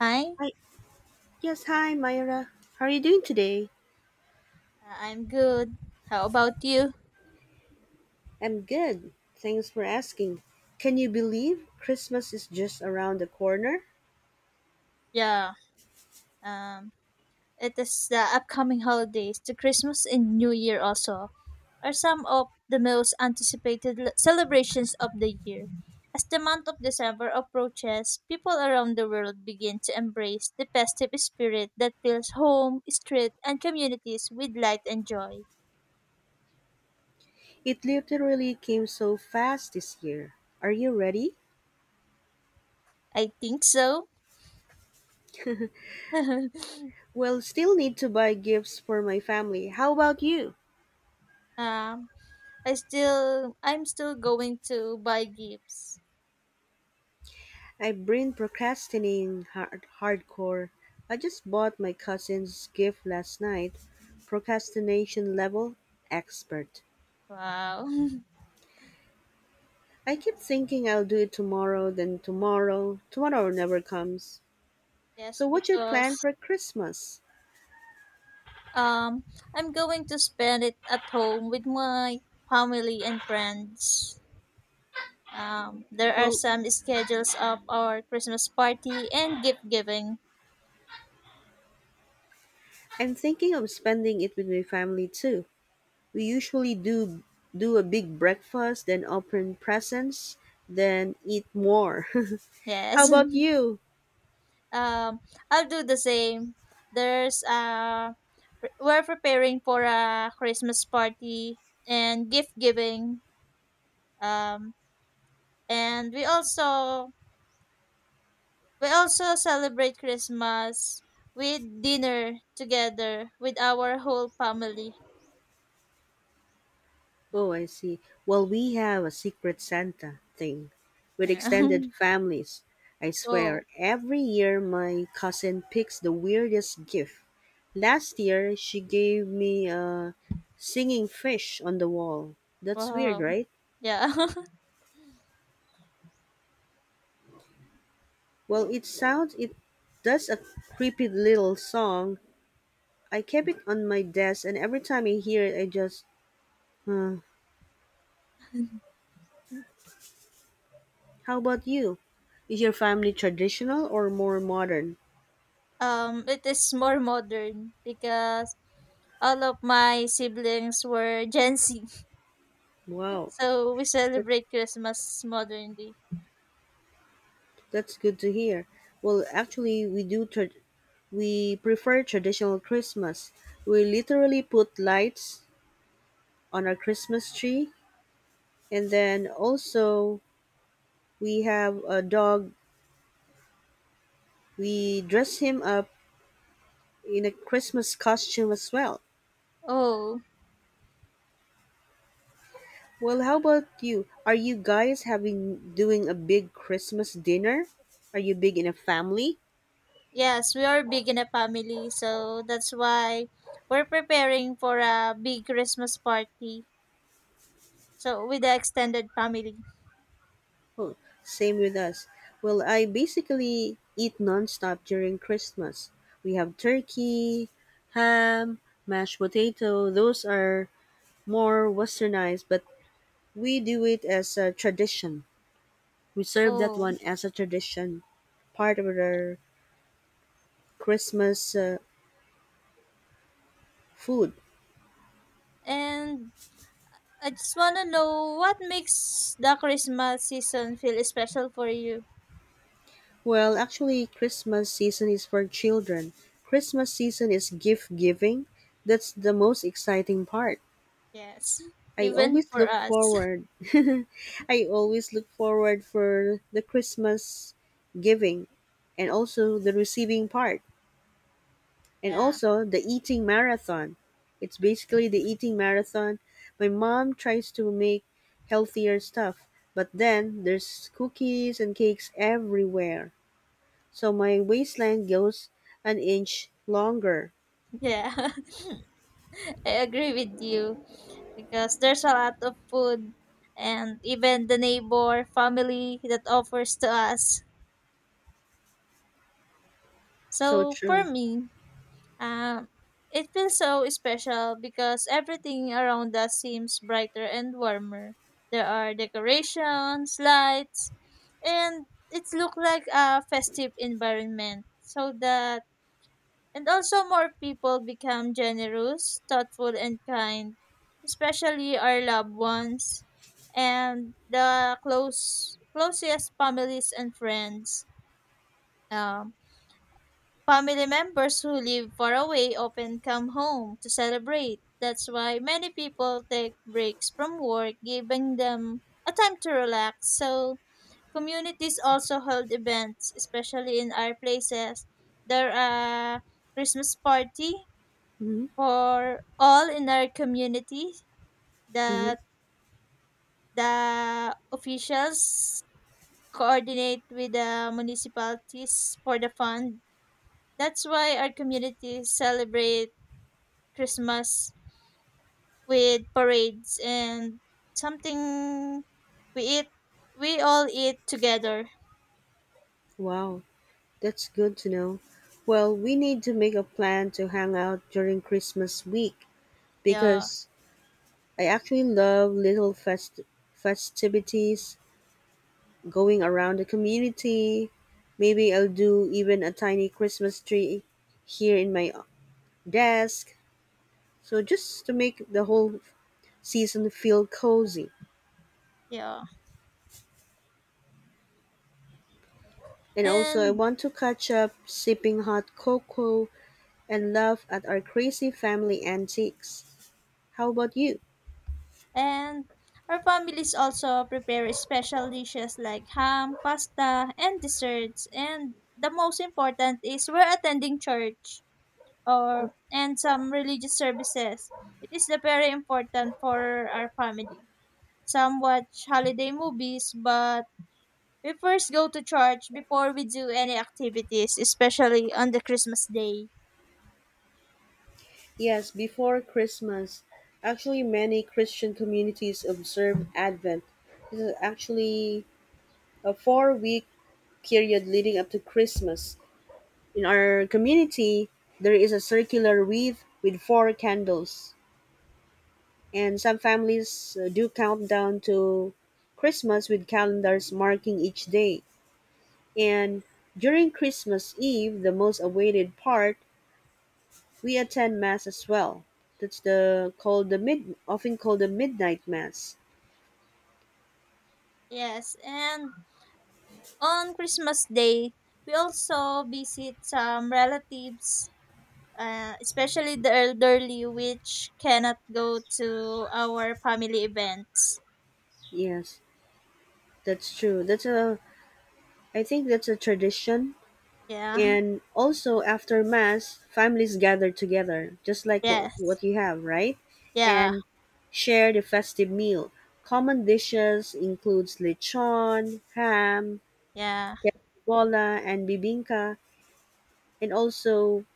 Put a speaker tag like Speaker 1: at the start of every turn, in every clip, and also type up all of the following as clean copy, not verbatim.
Speaker 1: Hi.
Speaker 2: Hi. Yes, hi, Myra. How are you doing today?
Speaker 1: I'm good. How about you?
Speaker 2: I'm good. Thanks for asking. Can you believe Christmas is just around the corner?
Speaker 1: Yeah, um, it is the upcoming holidays. The Christmas and New Year also are some of the most anticipated celebrations of the year. As the month of December approaches, people around the world begin to embrace the festive spirit that fills home, street, and communities with light and joy.
Speaker 2: It literally came so fast this year. Are you ready?
Speaker 1: I think so.
Speaker 2: Well, still need to buy gifts for my family. How about you?
Speaker 1: um, I'm still going to buy gifts.
Speaker 2: I've been procrastinating hardcore. I just bought my cousin's gift last night. Procrastination level expert.
Speaker 1: Wow.
Speaker 2: I keep thinking I'll do it tomorrow, then tomorrow. Tomorrow never comes.
Speaker 1: Yes,
Speaker 2: So, what's your
Speaker 1: because
Speaker 2: plan for Christmas?
Speaker 1: um I'm going to spend it at home with my family and friends. There are
Speaker 2: Well,
Speaker 1: some schedules of our Christmas party and gift giving.
Speaker 2: I'm thinking of spending it with my family too. We usually do a big breakfast, then open presents, then eat more. How
Speaker 1: Yes.
Speaker 2: about you?
Speaker 1: I'll do the same. There's we're preparing for a Christmas party and gift giving. Um and we also We also celebrate Christmas with dinner together with our whole family.
Speaker 2: Oh, I see. Well, we have a secret Santa thing with
Speaker 1: Yeah.
Speaker 2: extended families. I swear,
Speaker 1: Oh,
Speaker 2: every year my cousin picks the weirdest gift. Last year, she gave me a singing fish on the wall. That's weird,
Speaker 1: wow.
Speaker 2: right?
Speaker 1: Yeah.
Speaker 2: Well, it sounds, it does a creepy little song. I kept it on my desk, and every time I hear it, I just, hmm. How about you? Is your family traditional or more modern?
Speaker 1: It is more modern because all of my siblings were Gen Z.
Speaker 2: Wow.
Speaker 1: So we
Speaker 2: that's.
Speaker 1: celebrate Christmas modernly.
Speaker 2: That's good to hear. Well, actually, we do. We prefer traditional Christmas. We literally put lights on our Christmas tree, and then also we have a dog. We dress him up in a Christmas costume as well.
Speaker 1: Oh,
Speaker 2: Well, how about you? Are you guys having doing a big Christmas dinner? Are you big in a family?
Speaker 1: yes, we are big in a family, so that's why we're preparing for a big Christmas party, so with the extended family.
Speaker 2: Oh, same with us. Well, I basically eat nonstop during Christmas. We have turkey, ham, mashed potato. Those are more westernized, but we do it as a tradition. We serve that
Speaker 1: Oh,
Speaker 2: one as a tradition, part of our Christmas food.
Speaker 1: and I just want to know what makes the Christmas season feel special for you.
Speaker 2: Well, actually, Christmas season is for children. Christmas season is gift giving. That's the most exciting part.
Speaker 1: Yes,
Speaker 2: I
Speaker 1: even
Speaker 2: always
Speaker 1: for
Speaker 2: look
Speaker 1: us.
Speaker 2: forward. I always look forward for the Christmas giving and also the receiving part and
Speaker 1: Yeah,
Speaker 2: also the eating marathon. It's basically the eating marathon. My mom tries to make healthier stuff, but then there's cookies and cakes everywhere. So my waistline goes an inch longer.
Speaker 1: yeah, I agree with you because there's a lot of food and even the neighbor family that offers to us.
Speaker 2: So
Speaker 1: So for
Speaker 2: true.
Speaker 1: me, um, it feels so special because everything around us seems brighter and warmer. There are decorations, lights, and it looks like a festive environment. So that, and also more people become generous, thoughtful, and kind, especially our loved ones and the close closest families and friends. Um, Family members who live far away often come home to celebrate. That's why many people take breaks from work, giving them a time to relax. So, communities also hold events, especially in our places. There are Christmas party
Speaker 2: Mm-hmm.
Speaker 1: for all in our community
Speaker 2: Mm-hmm.
Speaker 1: that the officials coordinate with the municipalities for the fund. That's why our communities celebrate Christmas with parades and something we eat we all eat together.
Speaker 2: Wow. That's good to know. Well, we need to make a plan to hang out during Christmas week
Speaker 1: Yeah,
Speaker 2: because I actually love little festivities going around the community. Maybe I'll do even a tiny Christmas tree here in my desk. So just to make the whole season feel cozy.
Speaker 1: yeah.
Speaker 2: And also, I
Speaker 1: And
Speaker 2: want to catch up sipping hot cocoa and laugh at our crazy family antics. How about you?
Speaker 1: and our families also prepare special dishes like ham, pasta, and desserts. And the most important is we're attending church or and some religious services. It is the very important for our family. Some watch holiday movies, but we first go to church before we do any activities, especially on the Christmas day.
Speaker 2: Yes, before Christmas. Actually, many Christian communities observe Advent. This is actually a 4-week period leading up to Christmas. In our community, there is a circular wreath with four candles, and some families do countdown to Christmas with calendars marking each day. And during Christmas Eve, the most awaited part, we attend mass as well. That's the called the mid often called the midnight mass.
Speaker 1: Yes, and on Christmas day, we also visit some relatives, especially the elderly, which cannot go to our family events.
Speaker 2: Yes, that's true. That's a I think that's a tradition.
Speaker 1: Yeah,
Speaker 2: And also after mass, families gather together, just like what,
Speaker 1: yes,
Speaker 2: what you have, right?
Speaker 1: yeah,
Speaker 2: And share the festive meal. Common dishes includes lechon, ham,
Speaker 1: yeah,
Speaker 2: bola, and bibinka, and also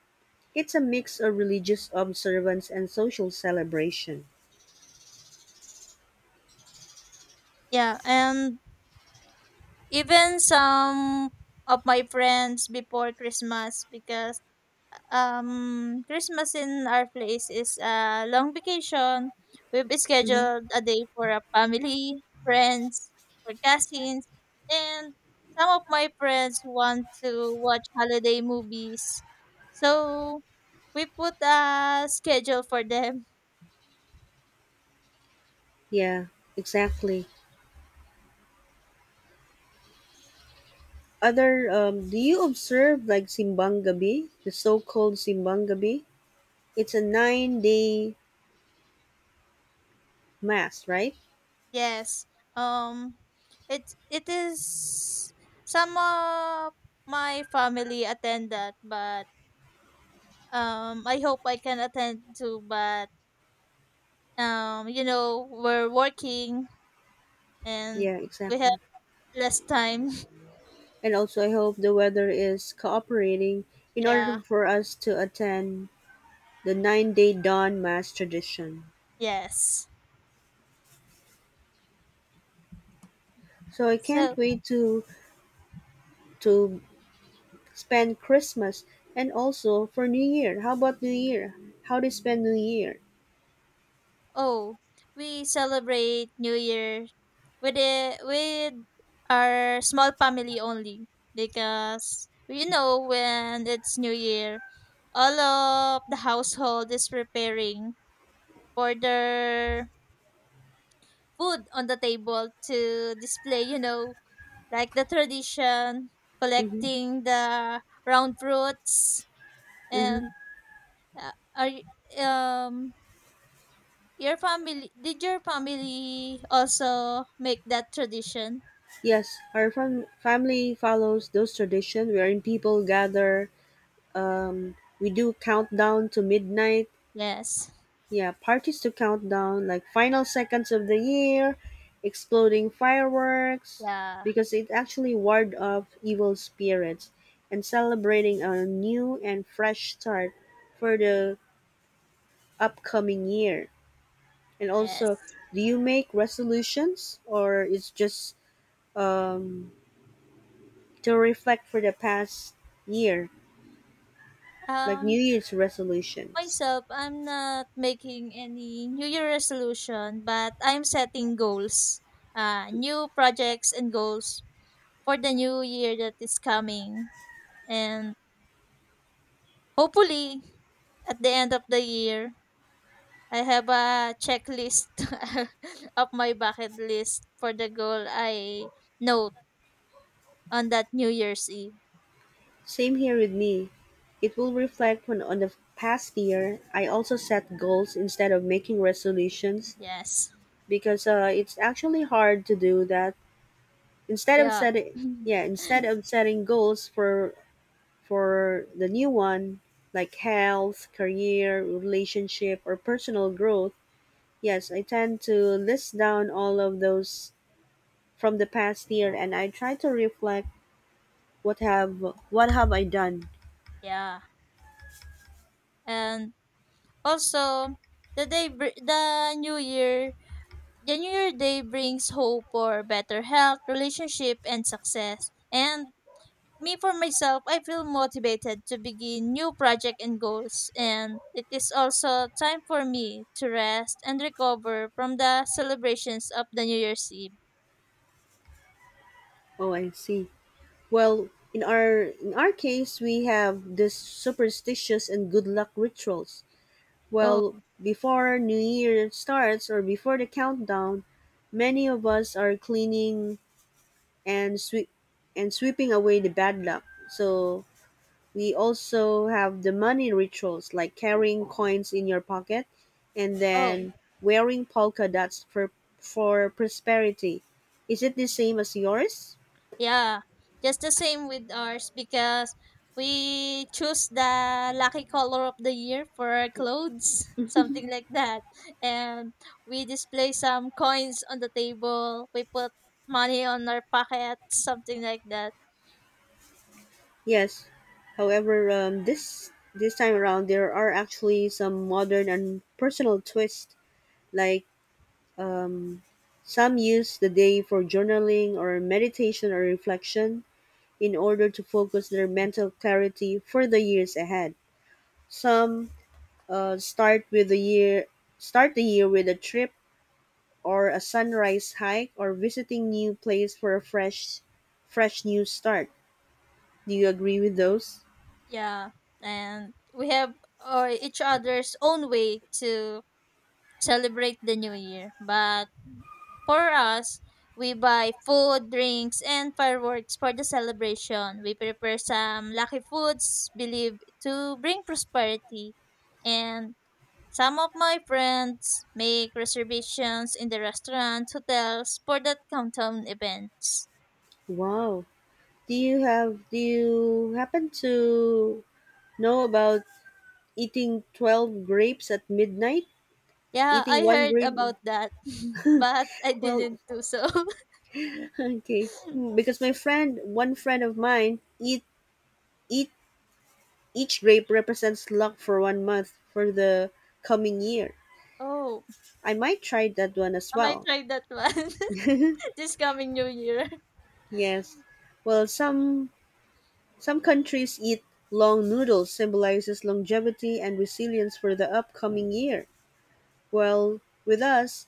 Speaker 2: it's a mix of religious observance and social celebration.
Speaker 1: yeah, and even some of my friends before Christmas because Christmas in our place is a long vacation. We've
Speaker 2: Mhm.
Speaker 1: scheduled a day for a family, friends, for cousins, and some of my friends want to watch holiday movies. So we put a schedule for them.
Speaker 2: Yeah, exactly. Other, do you observe like Simbang Gabi, the so-called Simbang Gabi? It's a 9-day mass, right?
Speaker 1: Yes. Um it it is Some of my family attend that, but I hope I can attend too, but um, you know, we're working and
Speaker 2: Yeah,
Speaker 1: we have
Speaker 2: exactly.
Speaker 1: less time.
Speaker 2: And also, I hope the weather is cooperating in
Speaker 1: Yeah,
Speaker 2: order for us to attend the 9-day dawn mass tradition.
Speaker 1: yes.
Speaker 2: So I can't
Speaker 1: so
Speaker 2: wait to spend Christmas and also for New Year. How about New Year? How do you spend New Year?
Speaker 1: oh, we celebrate new year with the with our small family only, because you know, when it's new year, all of the household is preparing for their food on the table to display, you know, like the tradition,
Speaker 2: Mm-hmm.
Speaker 1: collecting the round fruits,
Speaker 2: Mm-hmm.
Speaker 1: and uh, are y- um your family? Did your family also make that tradition?
Speaker 2: Yes, our family follows those traditions wherein people gather. We do countdown to midnight.
Speaker 1: Yes.
Speaker 2: Yeah, parties to countdown, like final seconds of the year, exploding fireworks,
Speaker 1: Yeah.
Speaker 2: because it actually ward off evil spirits, and celebrating a new and fresh start for the upcoming year. And also,
Speaker 1: Yes.
Speaker 2: do you make resolutions or it's just um, to reflect for the past year, like New
Speaker 1: Um,
Speaker 2: Year's resolutions.
Speaker 1: myself, I'm not making any New Year resolution, but I'm setting goals, new projects and goals for the new year that is coming. And hopefully, at the end of the year, I have a checklist of my bucket list for the goal I note on that New Year's Eve.
Speaker 2: Same here with me. It will reflect when on the past year I also set goals instead of making resolutions
Speaker 1: Yes.
Speaker 2: because it's actually hard to do that. Instead of
Speaker 1: Yeah.
Speaker 2: setting yeah, instead of setting goals for the new one like health, career, relationship or personal growth, yes, I tend to list down all of those from the past year and I try to reflect what have what have I done?
Speaker 1: Yeah. And also, the day the New Year day brings hope for better health, relationship, and success. And me for myself, I feel motivated to begin new project and goals, and it is also time for me to rest and recover from the celebrations of the New Year's Eve.
Speaker 2: Oh, I see. Well, in our case, we have this superstitious and good luck rituals.
Speaker 1: Oh,
Speaker 2: Well, before New Year starts or before the countdown, many of us are cleaning and sweeping away the bad luck. So we also have the money rituals like carrying coins in your pocket and then
Speaker 1: oh,
Speaker 2: wearing polka dots for prosperity. Is it the same as yours?
Speaker 1: yeah. Just the same with ours, because we choose the lucky color of the year for our clothes, something like that. And we display some coins on the table. We put money on our pockets, something like that.
Speaker 2: Yes. However, this time around there are actually some modern and personal twists. Like um, some use the day for journaling or meditation or reflection in order to focus their mental clarity for the years ahead. Some start with the year. Start the year with a trip or a sunrise hike or visiting new place for a fresh, fresh new start. Do you agree with those?
Speaker 1: Yeah, and we have, each other's own way to celebrate the new year. But for us, we buy food, drinks, and fireworks for the celebration. We prepare some lucky foods believed to bring prosperity. And some of my friends make reservations in the restaurants, hotels for that countdown events.
Speaker 2: Wow. Do you happen to know about eating 12 grapes at midnight?
Speaker 1: Yeah,
Speaker 2: Eating
Speaker 1: I
Speaker 2: one
Speaker 1: heard
Speaker 2: grape.
Speaker 1: about that, but I
Speaker 2: Well,
Speaker 1: didn't do so.
Speaker 2: okay. Hmm, because my friend, one friend of mine, eat eat each grape represents luck for one month for the coming year.
Speaker 1: Oh,
Speaker 2: I might try that one as
Speaker 1: I might
Speaker 2: well.
Speaker 1: try that one this coming new year.
Speaker 2: Yes. Well, some countries eat long noodles symbolizes longevity and resilience for the upcoming year. Well, with us,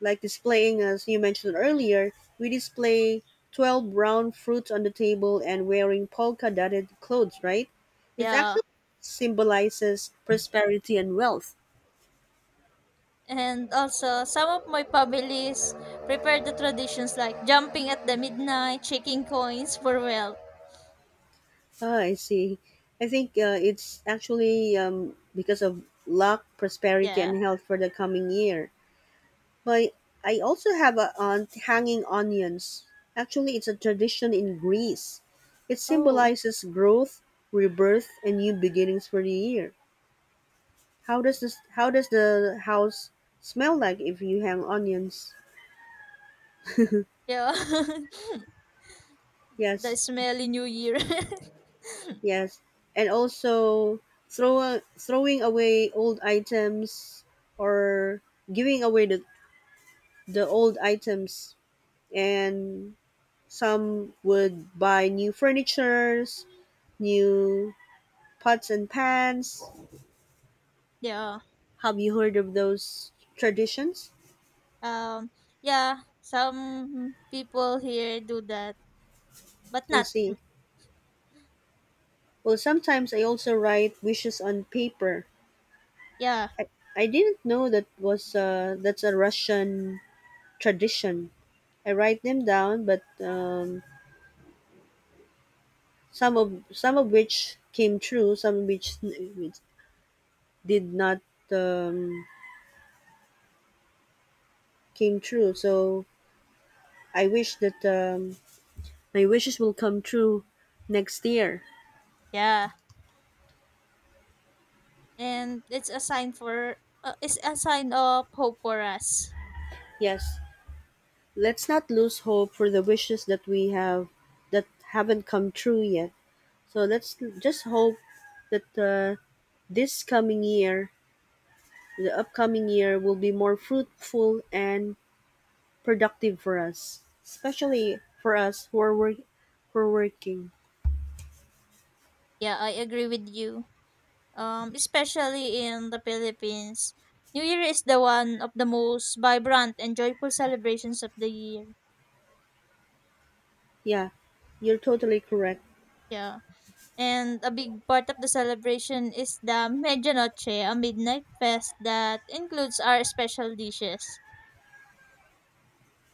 Speaker 2: like displaying as you mentioned earlier, we display 12 brown fruits on the table and wearing polka dotted clothes, right? It
Speaker 1: Yeah.
Speaker 2: actually symbolizes prosperity and wealth.
Speaker 1: And also, some of my families prepare the traditions like jumping at the midnight, shaking coins for wealth.
Speaker 2: Ah, I see. I think it's actually because of luck, prosperity,
Speaker 1: Yeah.
Speaker 2: and health for the coming year. But I also have a aunt hanging onions. Actually, it's a tradition in Greece. It
Speaker 1: Oh,
Speaker 2: symbolizes growth, rebirth, and new beginnings for the year. How does this? How does the house smell like if you hang onions?
Speaker 1: yeah. The
Speaker 2: Yes.
Speaker 1: smelly new year.
Speaker 2: Yes, and also throwing away old items or giving away the old items and some would buy new furnitures, new pots and pans.
Speaker 1: Yeah.
Speaker 2: Have you heard of those traditions?
Speaker 1: Um, yeah, some people here do that, but
Speaker 2: I
Speaker 1: not
Speaker 2: see. Well, sometimes I also write wishes on paper.
Speaker 1: yeah,
Speaker 2: I, I didn't know that was that's a Russian tradition. I write them down, but some of which came true, some which did not um, came true. So I wish that my wishes will come true next year.
Speaker 1: yeah. And it's a sign for it's a sign of hope for us.
Speaker 2: Yes, let's not lose hope for the wishes that we have that haven't come true yet. So let's just hope that this coming year, the upcoming year, will be more fruitful and productive for us, especially for us who are working.
Speaker 1: Yeah, I agree with you. Especially in the Philippines, New Year is the one of the most vibrant and joyful celebrations of the year.
Speaker 2: Yeah, you're totally correct.
Speaker 1: Yeah. And a big part of the celebration is the Medianoche, a midnight fest that includes our special dishes.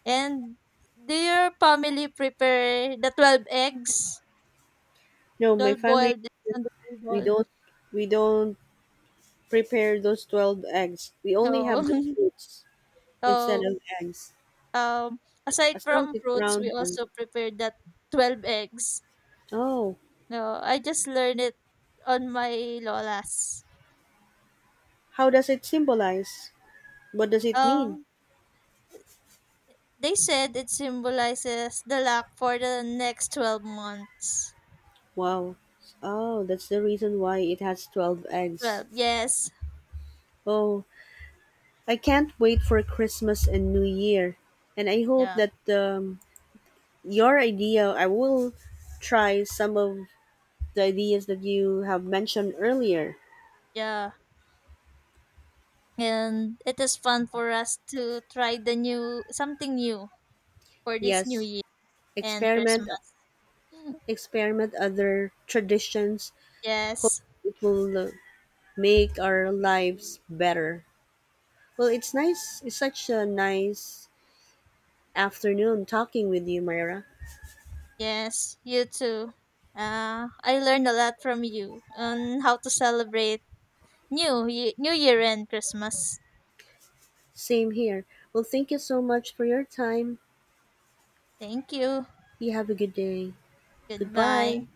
Speaker 1: And do your family prepare the 12 eggs,
Speaker 2: No, my
Speaker 1: 12
Speaker 2: family
Speaker 1: boiled eggs on the
Speaker 2: we
Speaker 1: table?
Speaker 2: don't we don't prepare those 12 eggs. We only have the
Speaker 1: Oh,
Speaker 2: fruits instead
Speaker 1: oh,
Speaker 2: of eggs.
Speaker 1: um, aside
Speaker 2: As long as
Speaker 1: from
Speaker 2: it's
Speaker 1: fruits, we
Speaker 2: round one.
Speaker 1: also prepare that 12 eggs.
Speaker 2: Oh,
Speaker 1: No, I just learned it on my lolas.
Speaker 2: how does it symbolize? What does it mean?
Speaker 1: Um, they said it symbolizes the luck for the next 12 months.
Speaker 2: Wow. Oh, that's the reason why it has 12 eggs.
Speaker 1: 12, yes.
Speaker 2: Oh, I can't wait for Christmas and New Year. And I hope
Speaker 1: Yeah,
Speaker 2: that your idea, I will try some of the ideas that you have mentioned earlier.
Speaker 1: yeah. And it is fun for us to try the new, something new for this new
Speaker 2: Yes,
Speaker 1: year. And
Speaker 2: experiment,
Speaker 1: Christmas.
Speaker 2: experiment other traditions. Hope
Speaker 1: Yes,
Speaker 2: it will make our lives better. Well, it's nice. It's such a nice afternoon talking with you, Myra.
Speaker 1: yes, you too. I learned a lot from you on how to celebrate New Year and Christmas.
Speaker 2: Same here. Well, thank you so much for your time.
Speaker 1: Thank you.
Speaker 2: You have a good day.
Speaker 1: Goodbye.
Speaker 2: Goodbye.